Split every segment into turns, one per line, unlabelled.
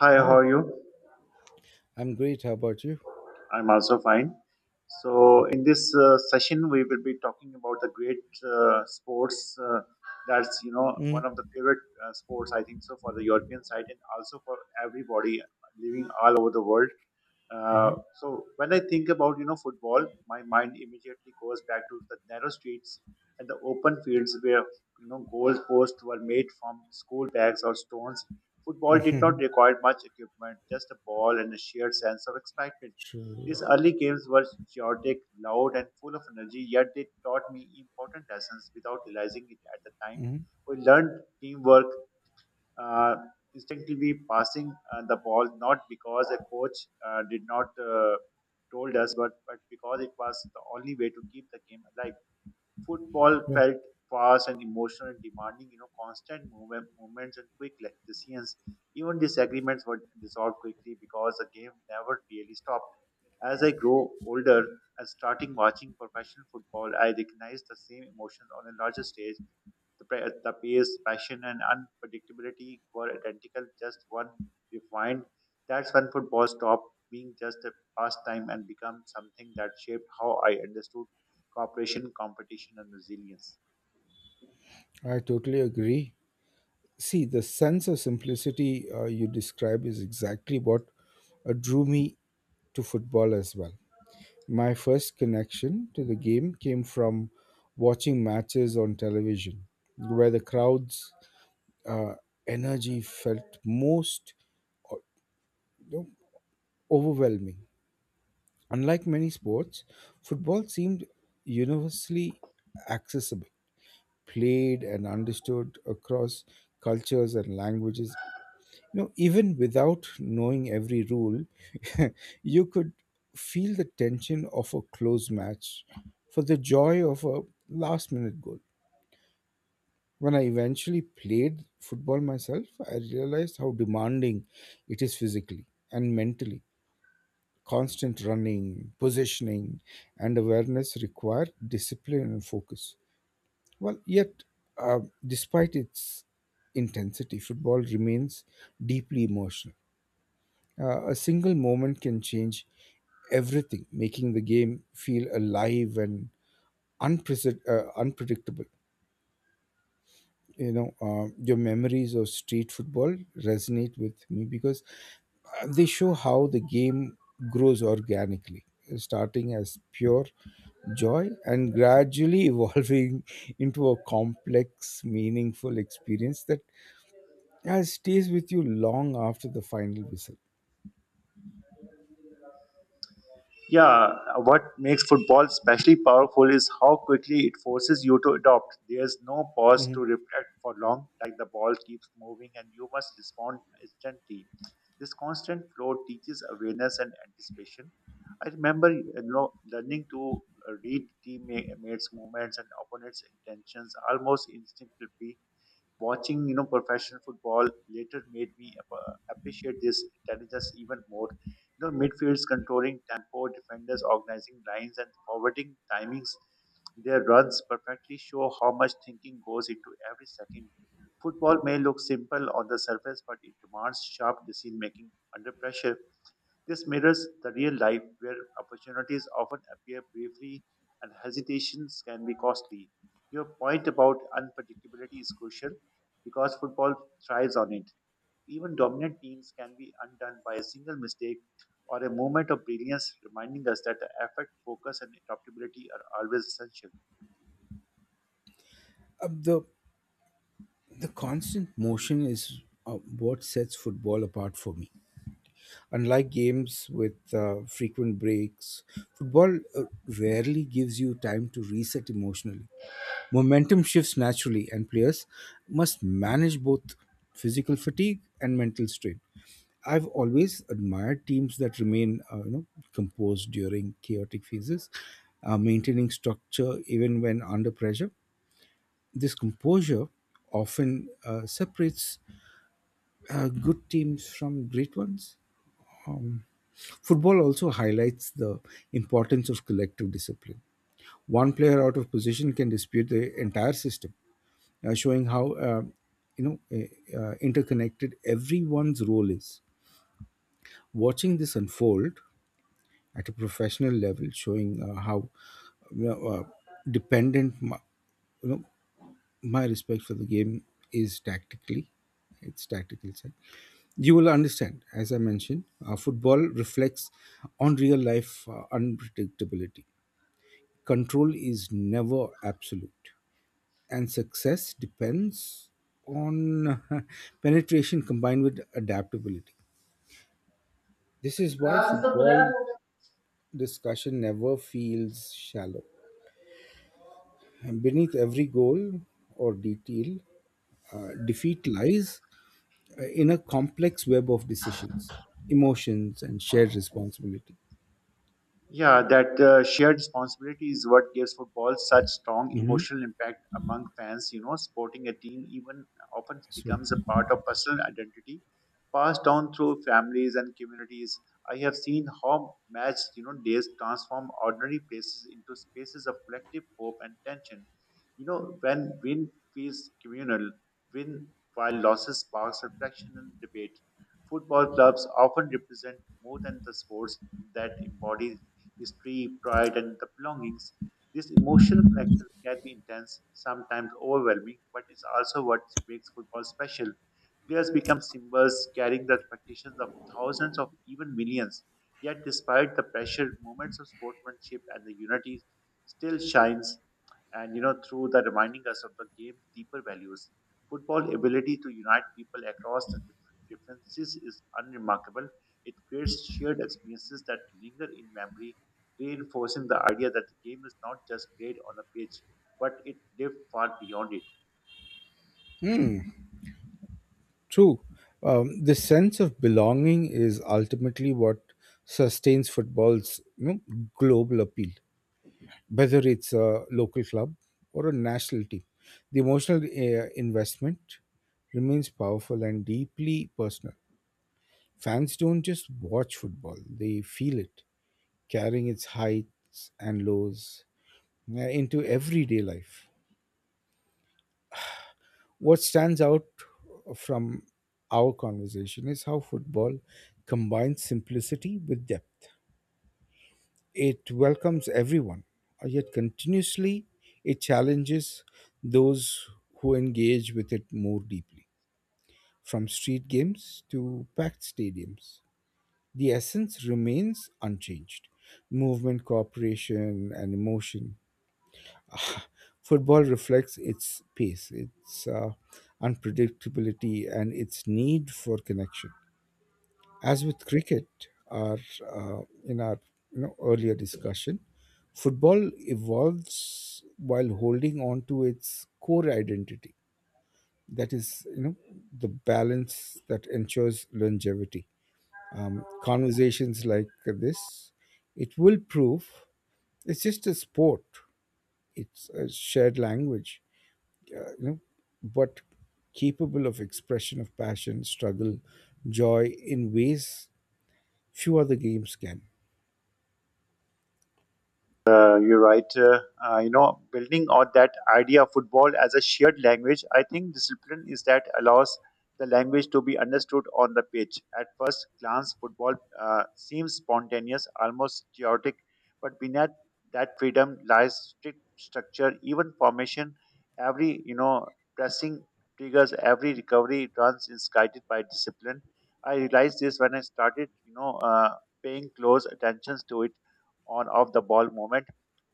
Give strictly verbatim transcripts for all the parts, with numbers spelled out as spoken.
Hi, how
Hi,
are you?
I'm great. How about you?
I'm also fine. So, in this uh, session, we will be talking about the great uh, sports. Uh, that's you know
Mm,
one of the favorite uh, sports, I think so, for the European side and also for everybody living all over the world. Uh,
uh-huh.
so when I think about you know football, my mind immediately goes back to the narrow streets and the open fields where you know goal posts were made from school bags or stones. Football did not require much equipment, just a ball and a sheer sense of excitement.
So,
These early games were chaotic, loud, and full of energy. Yet they taught me important lessons without realizing it at the time.
mhm,
We learned teamwork, uh, instinctively passing uh, the ball, not because a coach uh, did not uh, told us, but but because it was the only way to keep the game alive. Football
right.
felt fast and emotional, and demanding you know constant movement, movements and quick le- decisions. Even disagreements were dissolved quickly because the game never really stopped. As I grow older and starting watching professional football, I recognize the same emotions on a larger stage. The, pa- the pace, passion, and unpredictability were identical, just one refined. That's when football stopped being just a pastime and became something that shaped how I understood cooperation, competition, and resilience.
I totally agree. See, the sense of simplicity uh, you describe is exactly what uh, drew me to football as well. My first connection to the game came from watching matches on television, where the crowd's uh, energy felt most uh, you know, overwhelming. Unlike many sports, football seemed universally accessible, played and understood across cultures and languages. You know, even without knowing every rule, you could feel the tension of a close match for the joy of a last minute goal. When I eventually played football myself, I realized how demanding it is physically and mentally. Constant running, positioning, and awareness require discipline and focus. Well, yet, uh, despite its intensity, football remains deeply emotional. Uh, a single moment can change everything, making the game feel alive and unprece- uh, unpredictable. you know uh, your memories of street football resonate with me because uh, they show how the game grows organically, starting as pure joy and gradually evolving into a complex meaningful experience that uh, stays with you long after the final whistle.
Yeah, what makes football especially powerful is how quickly it forces you to adopt. There's no pause to
Mhm.
reflect for long, like the ball keeps moving and you must respond instantly. This constant flow teaches awareness and anticipation. I remember, you know, learning to uh, read teammates' movements and opponents' intentions almost instinctively. Watching you know professional football later made me ap- appreciate this intelligence even more. you know midfields controlling tempo, defenders organizing lines, and forwarding timings their runs perfectly show how much thinking goes into every second. Football may look simple on the surface, but it demands sharp decision making under pressure. This mirrors the real life where opportunities often appear briefly and hesitations can be costly. Your point about unpredictability is crucial because football thrives on it. Even dominant teams can be undone by a single mistake or a moment of brilliance, reminding us that the effort, focus, and adaptability are always essential.
Uh, the the constant motion is uh, what sets football apart for me. Unlike games with uh, frequent breaks, football uh, rarely gives you time to reset emotionally. Momentum shifts naturally, and players must manage both physical fatigue and mental strain. I've always admired teams that remain, uh, you know, composed during chaotic phases, uh, maintaining structure even when under pressure. This composure often uh, separates uh, good teams from great ones. Um, Football also highlights the importance of collective discipline. One player out of position can dispute the entire system, uh, showing how uh, you know uh, uh, interconnected everyone's role is. Watching this unfold at a professional level, showing uh, how you know, uh, dependent my, you know, my respect for the game is tactically. It's tactical side. You will understand, as I mentioned, uh, football reflects on real life uh, unpredictability. Control is never absolute, and success depends on penetration combined with adaptability. This is why football discussion never feels shallow. And beneath every goal or detail, uh, defeat lies uh, in a complex web of decisions, emotions, and shared responsibility.
Yeah, that uh, shared responsibility is what gives football such strong
Mhm.
emotional impact among fans. You know, supporting a team even often
I swear.
becomes a part of personal identity, passed down through families and communities. I have seen how match, you know, days transform ordinary places into spaces of collective hope and tension. You know, when win feels communal, win while losses sparks reflection and debate. Football clubs often represent more than the sports that embody history, pride, and the belongings. These emotional connections can be intense, sometimes overwhelming, but it's also what makes football special. Players become symbols, carrying the expectations of thousands of even millions. Yet, despite the pressure, moments of sportsmanship and the unity still shines and you know through the reminding us of the game's deeper values. Football ability to unite people across the dif- differences is unremarkable. It creates shared experiences that linger in memory, reinforcing the idea that the game is not just played on the pitch, but it lived far beyond it.
True. Um, this sense of belonging is ultimately what sustains football's you know, global appeal, whether it's a local club or a national team. The emotional uh, investment remains powerful and deeply personal. Fans don't just watch football, they feel it, carrying its heights and lows uh, into everyday life. What stands out from our conversation is how football combines simplicity with depth. It welcomes everyone, uh, yet continuously it challenges those who engage with it more deeply, from street games to packed stadiums. The essence remains unchanged: movement, cooperation, and emotion. Football reflects its pace, its uh, unpredictability, and its need for connection. As with cricket, our uh, in our you know, earlier discussion, football evolves while holding on to its core identity. That is, you know, the balance that ensures longevity. Um, conversations like this, it will prove it's just a sport. It's a shared language, uh, you know, but capable of expression of passion, struggle, joy in ways few other games can.
Uh, you're right. Uh, uh, you know, building on that idea of football as a shared language, I think discipline is that allows the language to be understood on the pitch. At first glance, football uh, seems spontaneous, almost chaotic, but beneath that freedom lies strict structure, even formation. Every you know pressing triggers, every recovery runs is guided by discipline. I realized this when I started, you know, uh, paying close attention to it on off the ball movement.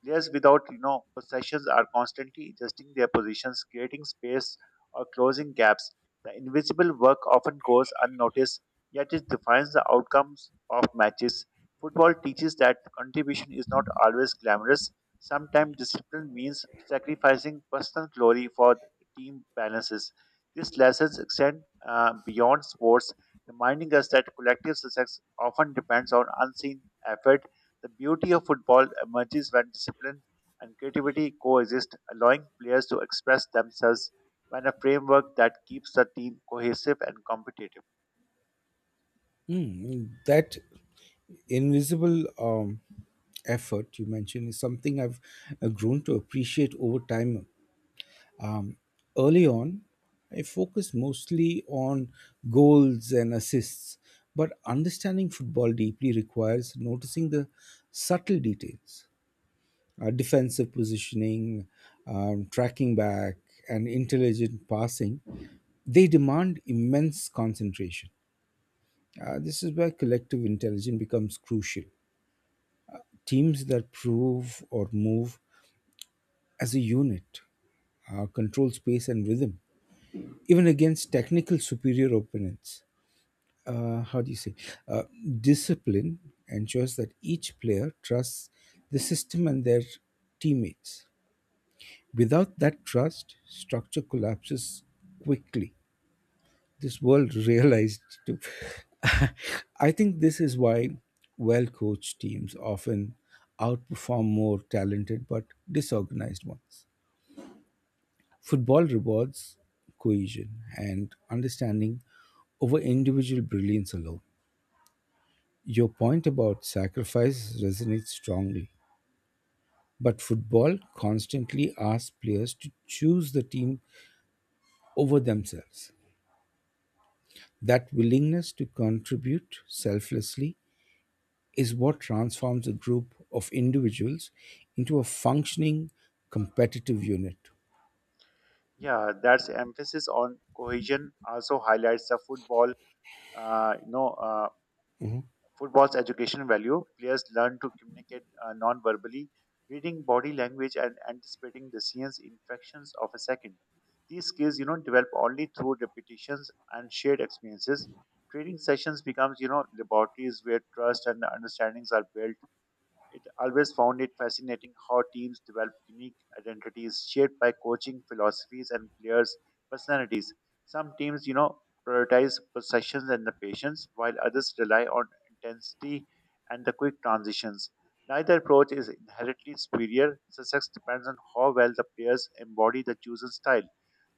Players without you know possessions are constantly adjusting their positions, creating space or closing gaps. The invisible work often goes unnoticed, yet it defines the outcomes of matches. Football teaches that contribution is not always glamorous. Sometimes discipline means sacrificing personal glory for team balances. These lessons extend uh, beyond sports, reminding us that collective success often depends on unseen effort. The beauty of football emerges when discipline and creativity coexist, allowing players to express themselves when a framework that keeps the team cohesive and competitive.
Mm, that invisible um, effort you mentioned is something I've uh, grown to appreciate over time. Um, Early on, I focused mostly on goals and assists, but understanding football deeply requires noticing the subtle details: uh, defensive positioning, um, tracking back, and intelligent passing. They demand immense concentration. Uh, this is where collective intelligence becomes crucial. Teams that prove or move as a unit uh, control space and rhythm, even against technical superior opponents. Uh, how do you say? Uh, discipline ensures that each player trusts the system and their teammates. Without that trust, structure collapses quickly. This world realized too. I think this is why well coached teams often outperform more talented but disorganized ones. Football rewards cohesion and understanding over individual brilliance alone. Your point about sacrifice resonates strongly, but football constantly asks players to choose the team over themselves. That willingness to contribute selflessly is what transforms a group of individuals into a functioning competitive unit.
Yeah, that's emphasis on cohesion also highlights the football, uh, you know, uh, Football's education value. Players learn to communicate uh, non-verbally, reading body language and anticipating decisions in fractions of a second. These skills, you know, develop only through repetitions and shared experiences. Training sessions becomes, you know, laboratories where trust and understandings are built. It always found it fascinating how teams develop unique identities shaped by coaching philosophies and players' personalities. Some teams, you know, prioritize possessions and the patience, while others rely on intensity and the quick transitions. Neither approach is inherently superior. Success depends on how well the players embody the chosen style.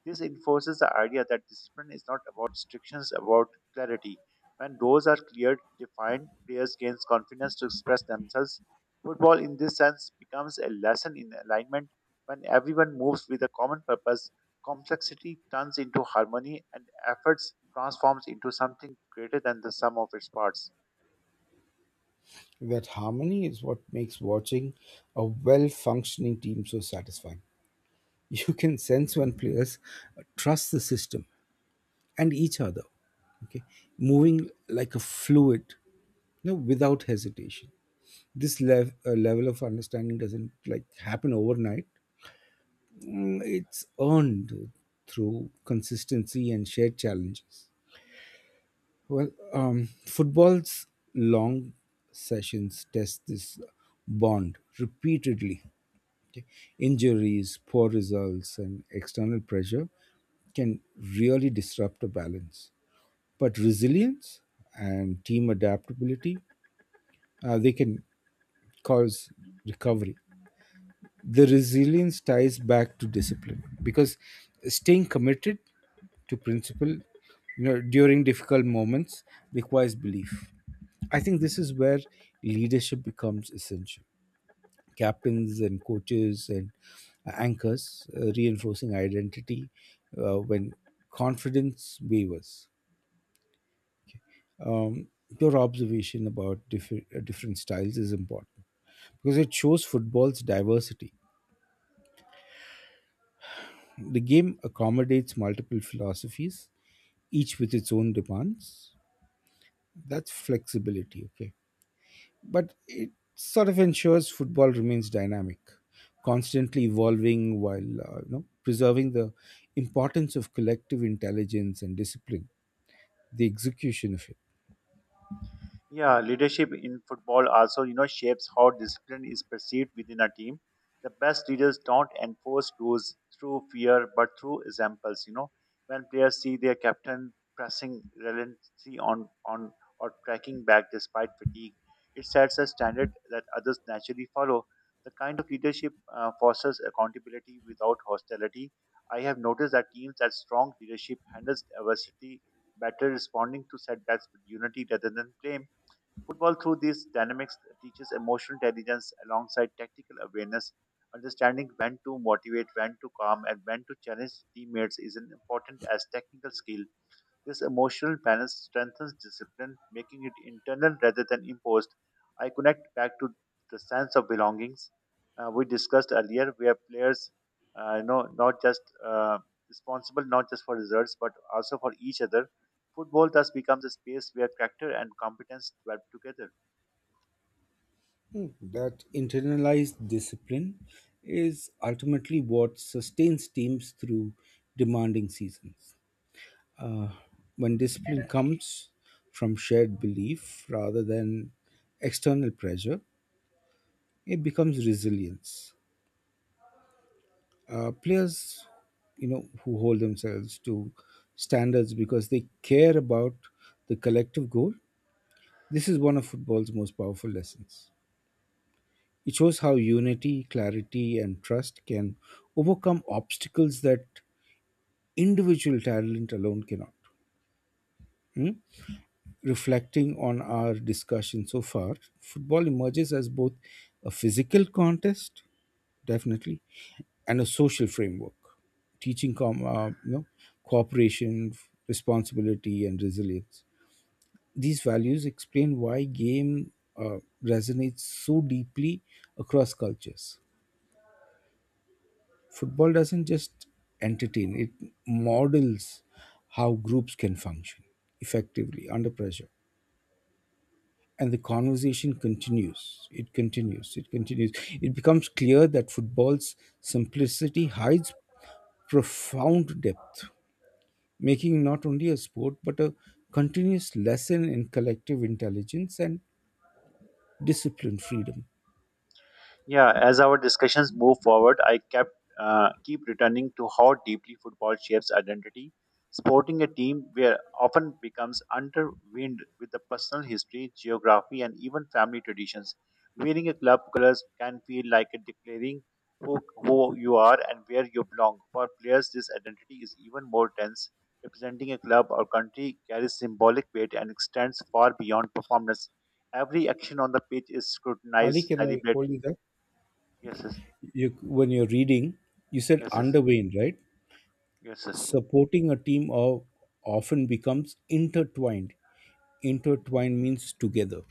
This enforces the idea that discipline is not about restrictions, about clarity. When goals are clear, defined, players gain confidence to express themselves. Football, in this sense, becomes a lesson in alignment. When everyone moves with a common purpose, complexity turns into harmony and efforts transforms into something greater than the sum of its parts.
That harmony is what makes watching a well functioning team so satisfying. You can sense when players trust the system and each other, okay, moving like a fluid, you know, without hesitation. This lev- uh, level of understanding doesn't like happen overnight, Mm, it's earned through consistency and shared challenges. Well, um, football's long sessions test this bond repeatedly. Okay? Injuries, poor results, and external pressure can really disrupt a balance. But resilience and team adaptability, uh, they can cause recovery. The resilience ties back to discipline because staying committed to principle you know during difficult moments requires belief. I think this is where leadership becomes essential. Captains and coaches and anchors uh, reinforcing identity uh, when confidence wavers. Um, your observation about different, different styles is important because it shows football's diversity. The game accommodates multiple philosophies, each with its own demands. That's flexibility, okay? But it sort of ensures football remains dynamic, constantly evolving while uh, you know, preserving the importance of collective intelligence and discipline, the execution of it.
Yeah, leadership in football also, you know, shapes how discipline is perceived within a team. The best leaders don't enforce rules through fear, but through examples. You know, when players see their captain pressing relentlessly on on or tracking back despite fatigue, it sets a standard that others naturally follow. The kind of leadership uh, fosters accountability without hostility. I have noticed that teams that strong leadership handles adversity better, responding to setbacks with unity rather than blame. Football, through these dynamics, teaches emotional intelligence alongside tactical awareness. Understanding when to motivate, when to calm, and when to challenge teammates is an important as technical skill. This emotional balance strengthens discipline, making it internal rather than imposed. I connect back to the sense of belongings uh, we discussed earlier, where players, uh, you know, not just uh, responsible not just for results but also for each other. Football thus becomes a space where character and competence develop together.
Hmm, That internalized discipline is ultimately what sustains teams through demanding seasons. Uh, when discipline comes from shared belief rather than external pressure, it becomes resilience. Uh, players, you know, who hold themselves to standards because they care about the collective goal. This is one of football's most powerful lessons. It shows how unity, clarity, and trust can overcome obstacles that individual talent alone cannot. Hmm? Reflecting on our discussion so far, football emerges as both a physical contest, definitely, and a social framework, teaching com- uh, you know, cooperation, responsibility, and resilience. These values explain why game uh, resonates so deeply across cultures. Football doesn't just entertain; it models how groups can function effectively under pressure. and the conversation continues it continues it continues it becomes clear that football's simplicity hides profound depth, making not only a sport but a continuous lesson in collective intelligence and disciplined freedom.
Yeah, as our discussions move forward, I kept uh, keep returning to how deeply football shapes identity. Sporting a team where often becomes underwhelmed with the personal history, geography, and even family traditions. Wearing a club colors can feel like a declaring who, who you are and where you belong. For players, this identity is even more tense. Representing a club or country carries symbolic weight and extends far beyond performance. Every action on the pitch is
Ali,
scrutinized,
can I
celebrated.
hold you there?
Yes, yes,
You, when you're reading, you said
yes, yes,
underwayne, right?
yes, yes.
Supporting a team of often becomes intertwined. Intertwined means together.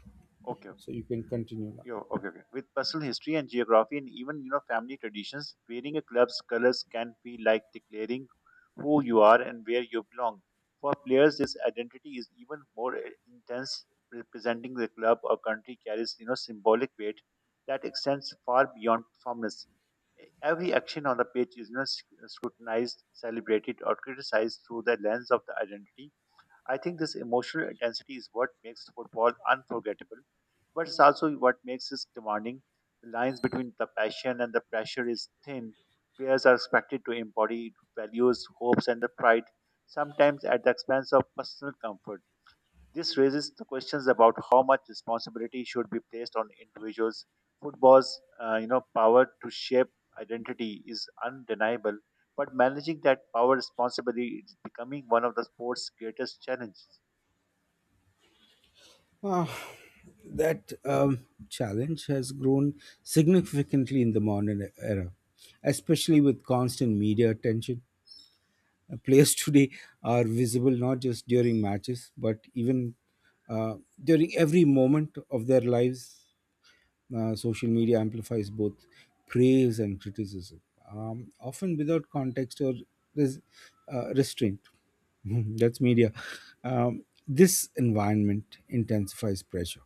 Okay, okay,
So you can continue now.
yo, okay, okay. With personal history and geography, and even you know family traditions, wearing a club's colors can be like declaring who you are and where you belong. For players, this identity is even more uh, intense. Representing the club or country carries you know symbolic weight that extends far beyond performance. Every action on the pitch is you know sc- scrutinized, celebrated, or criticized through the lens of the identity. I think this emotional intensity is what makes football unforgettable, but it's also what makes it demanding. The lines between the passion and the pressure is thin. Players are expected to embody values, hopes, and the pride, sometimes at the expense of personal comfort. This raises the questions about how much responsibility should be placed on individuals. Football's, uh, you know, power to shape identity is undeniable, but managing that power responsibly is becoming one of the sport's greatest challenges.
Ah, that um, challenge has grown significantly in the modern era, especially with constant media attention. Uh, Players today are visible not just during matches, but even uh, during every moment of their lives. Uh, social media amplifies both praise and criticism, um, often without context or res- uh, restraint. That's media. Um, this environment intensifies pressure.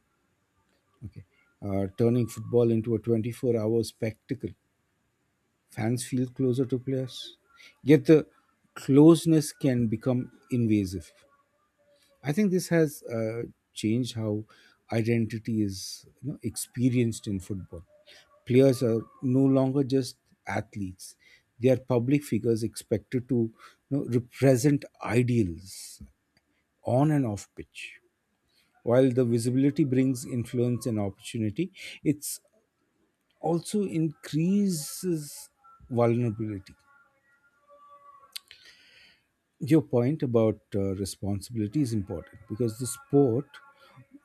Okay. Uh, turning football into a twenty-four hour spectacle. Fans feel closer to players, yet the closeness can become invasive. I think this has uh, changed how identity is you know, experienced in football. Players are no longer just athletes, they are public figures expected to you know, represent ideals on and off pitch. While the visibility brings influence and opportunity, it's also increases vulnerability. Your point about uh, responsibility is important because the sport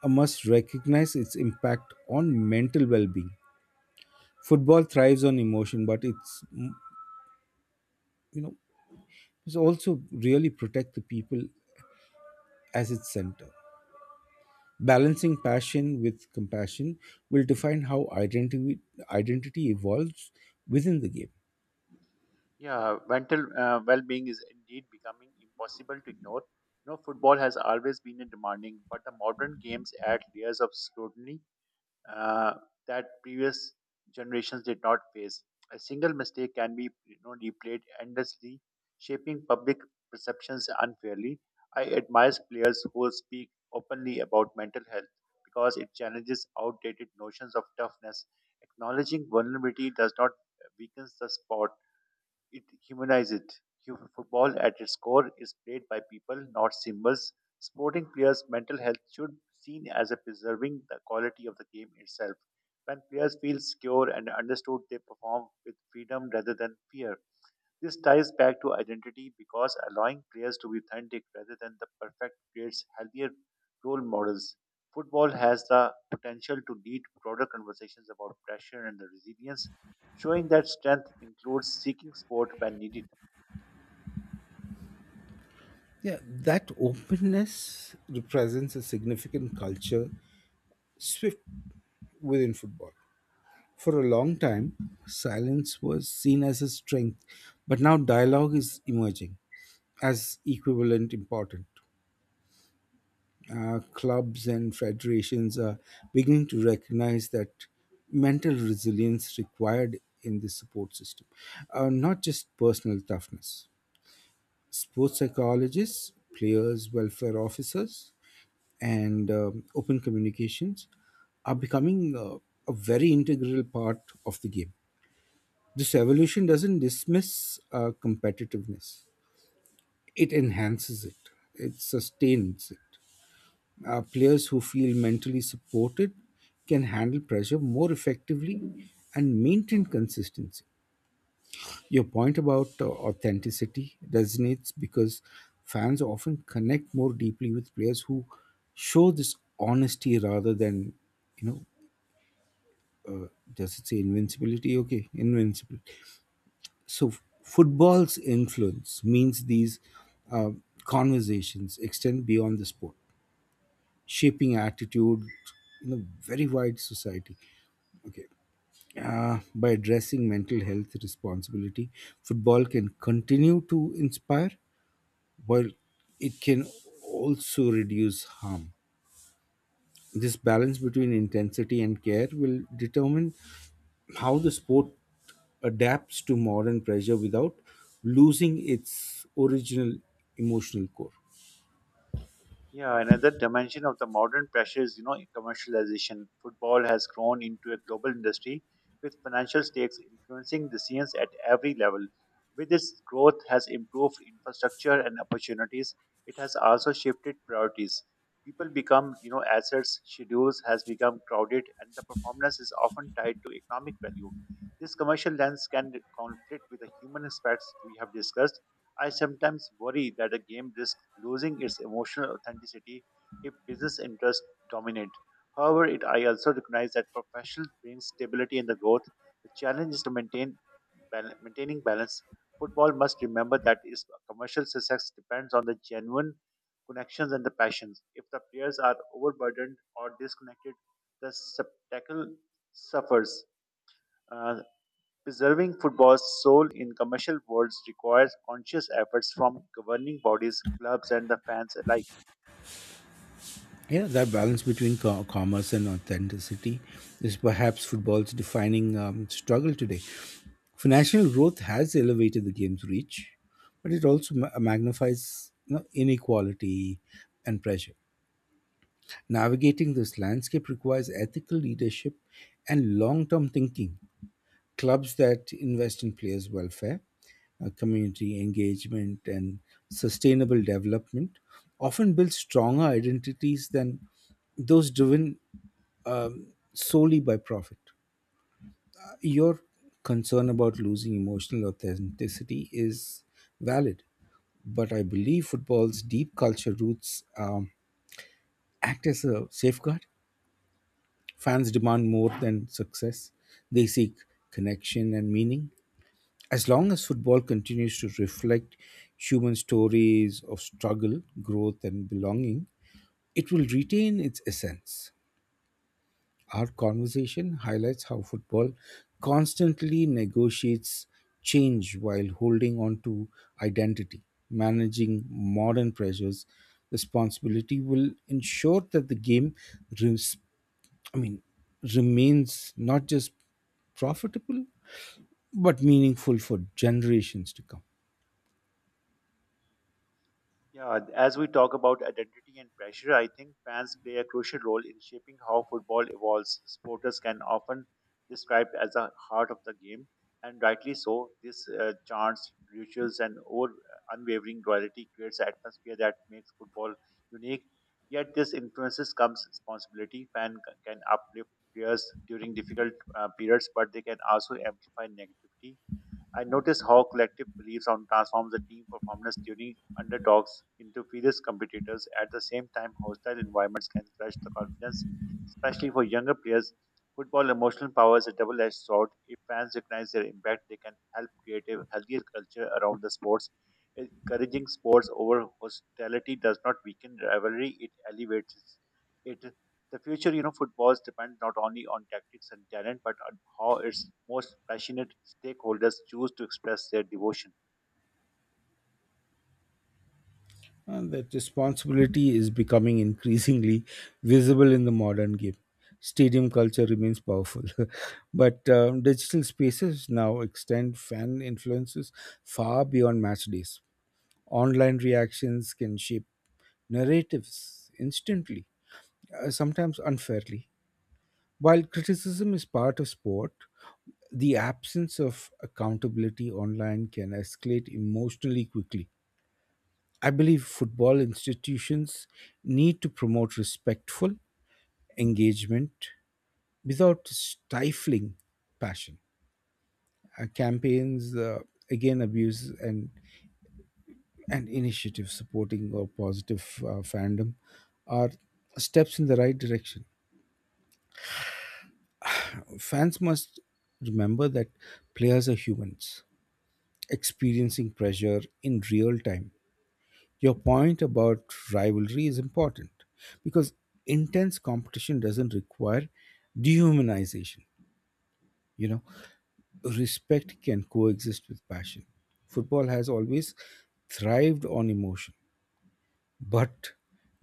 uh, must recognize its impact on mental well-being. Football thrives on emotion, but it's mm, you know it's also really protect the people as its center. Balancing passion with compassion will define how identity identity evolves within the game.
Yeah, mental uh, well-being is indeed becoming impossible to ignore. You know, football has always been a demanding, but the modern games add layers of scrutiny uh, that previous generations did not face. A single mistake can be, you know, replayed endlessly, shaping public perceptions unfairly. I admire players who speak openly about mental health because it challenges outdated notions of toughness. Acknowledging vulnerability does not uh, weakens the sport, it humanizes it. Hu- Football, at its core, is played by people, not symbols. Sporting players' mental health should be seen as a preserving the quality of the game itself. When players feel secure and understood, they perform with freedom rather than fear. This ties back to identity because allowing players to be authentic rather than the perfect creates healthier role models. Football has the potential to lead broader conversations about pressure and the resilience, showing that strength includes seeking support when needed.
Yeah, that openness represents a significant culture swift within football. For a long time, silence was seen as a strength, but now dialogue is emerging as equivalent important. Uh, clubs and federations are beginning to recognize that mental resilience required in the support system, uh, not just personal toughness. Sports psychologists, players, welfare officers, and um, open communications are becoming uh, a very integral part of the game. This evolution doesn't dismiss uh, competitiveness, it enhances it, it sustains it. Uh, players who feel mentally supported can handle pressure more effectively and maintain consistency. Your point about uh, authenticity resonates because fans often connect more deeply with players who show this honesty rather than you know does it say invincibility? Okay, invincible. So f- football's influence means these uh, conversations extend beyond the sport, shaping attitude in a very wide society. Okay. Uh, by addressing mental health responsibility, football can continue to inspire while it can also reduce harm. This balance between intensity and care will determine how the sport adapts to modern pressure without losing its original emotional core.
Yeah, another dimension of the modern pressure is, you know, commercialization. Football has grown into a global industry with financial stakes influencing decisions at every level. With its growth has improved infrastructure and opportunities, it has also shifted priorities. People become, you know, assets, schedules has become crowded and the performance is often tied to economic value. This commercial lens can conflict with the human aspects we have discussed. I sometimes worry that a game risks losing its emotional authenticity if business interests dominate. However, it, I also recognize that professional brings stability and the growth. The challenge is to maintain bal- maintaining balance. Football must remember that its commercial success depends on the genuine connections and the passions. If the players are overburdened or disconnected, the spectacle suffers. Uh, Preserving football's soul in commercial worlds requires conscious efforts from governing bodies, clubs, and the fans alike.
Yeah, that balance between co- commerce and authenticity is perhaps football's defining um, struggle today. Financial growth has elevated the game's reach, but it also ma- magnifies you know, inequality and pressure. Navigating this landscape requires ethical leadership and long term thinking. Clubs that invest in players' welfare, uh, community engagement, and sustainable development often build stronger identities than those driven um, solely by profit. Your concern about losing emotional authenticity is valid, but I believe football's deep culture roots um, act as a safeguard. Fans demand more than success, they seek connection and meaning. As long as football continues to reflect human stories of struggle, growth, and belonging, it will retain its essence. Our conversation highlights how football constantly negotiates change while holding on to identity. Managing modern pressures, responsibility will ensure that the game res- I mean, remains not just profitable but meaningful for generations to come.
Yeah, as we talk about identity and pressure, I think fans play a crucial role in shaping how football evolves. Supporters can often described as the heart of the game, and rightly so. This uh, chants, rituals, and over unwavering loyalty creates an atmosphere that makes football unique. Yet, this influences comes responsibility. Fan c- can uplift players during difficult uh, periods, but they can also amplify negativity. I noticed how collective beliefs on transforms the team performance, turning underdogs into fierce competitors. At the same time, hostile environments can crush the confidence, especially for younger players. Football emotional power is a double-edged sword. If fans recognize their impact, they can help create a healthier culture around the sports. Encouraging sports over hostility does not weaken rivalry; it elevates it. The future, you know, footballs depend not only on tactics and talent, but on how its most passionate stakeholders choose to express their devotion.
and that responsibility is becoming increasingly visible in the modern game. Stadium culture remains powerful, but um, digital spaces now extend fan influences far beyond match days. Online reactions can shape narratives instantly, uh, sometimes unfairly. While criticism is part of sport, the absence of accountability online can escalate emotionally quickly. I believe football institutions need to promote respectful engagement without stifling passion. Uh, campaigns uh, again abuse and and initiative supporting or positive uh, fandom are steps in the right direction. Fans must remember that players are humans experiencing pressure in real time. Your point about rivalry is important because intense competition doesn't require dehumanization. You know, respect can coexist with passion. Football has always thrived on emotion, but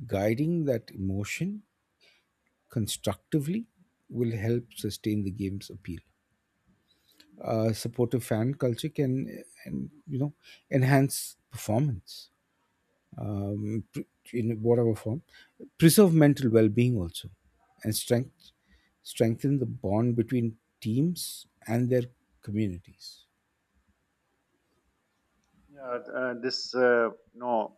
guiding that emotion constructively will help sustain the game's appeal. A supportive fan culture can, uh, en- you know, enhance performance. um, pre- in whatever form, preserve mental well-being also, and strength strengthen the bond between teams and their communities.
Yeah, uh, this uh, you know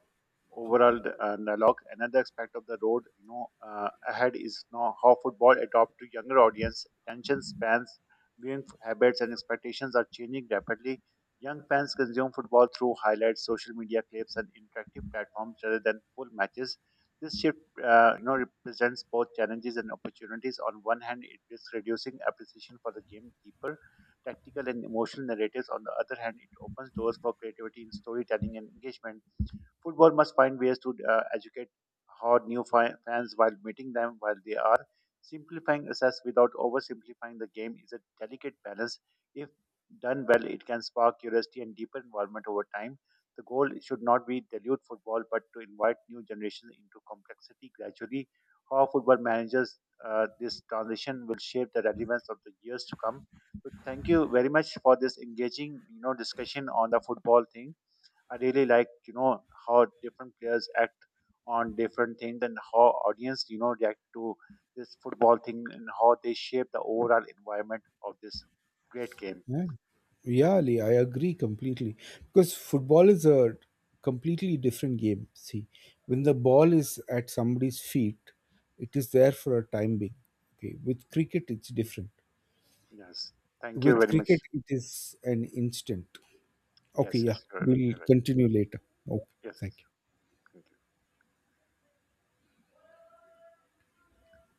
overall uh, dialogue. Another aspect of the road, you know, uh, ahead is now how football adopt to younger audience. Attention spans, viewing f- habits, and expectations are changing rapidly. Young fans consume football through highlights, social media clips, and interactive platforms rather than full matches. This shift, uh, you know, represents both challenges and opportunities. On one hand, it is reducing appreciation for the game deeper tactical and emotional narratives. On the other hand, it opens doors for creativity in storytelling and engagement. Football must find ways to uh, educate how new fi- fans while meeting them while they are. Simplifying access without oversimplifying the game is a delicate balance. If done well, it can spark curiosity and deepen involvement over time. The goal should not be dilute football, but to invite new generations into complexity gradually. How football manages uh, this transition will shape the relevance of the years to come. So thank you very much for this engaging, you know, discussion on the football thing. I really like you know how different players act on different things and how audience you know react to this football thing and how they shape the overall environment of this great game.
Yeah, yeah, Ali, I agree completely because football is a completely different game. See, when the ball is at somebody's feet, it is there for a time being. Okay, with cricket, it's different.
Yes, thank you
With
very
cricket,
much.
it is an instant. Okay,
Yes,
yeah,
yes, you're,
we'll
you're right.
continue later. Okay,
Yes, yes,
thank you.
thank you.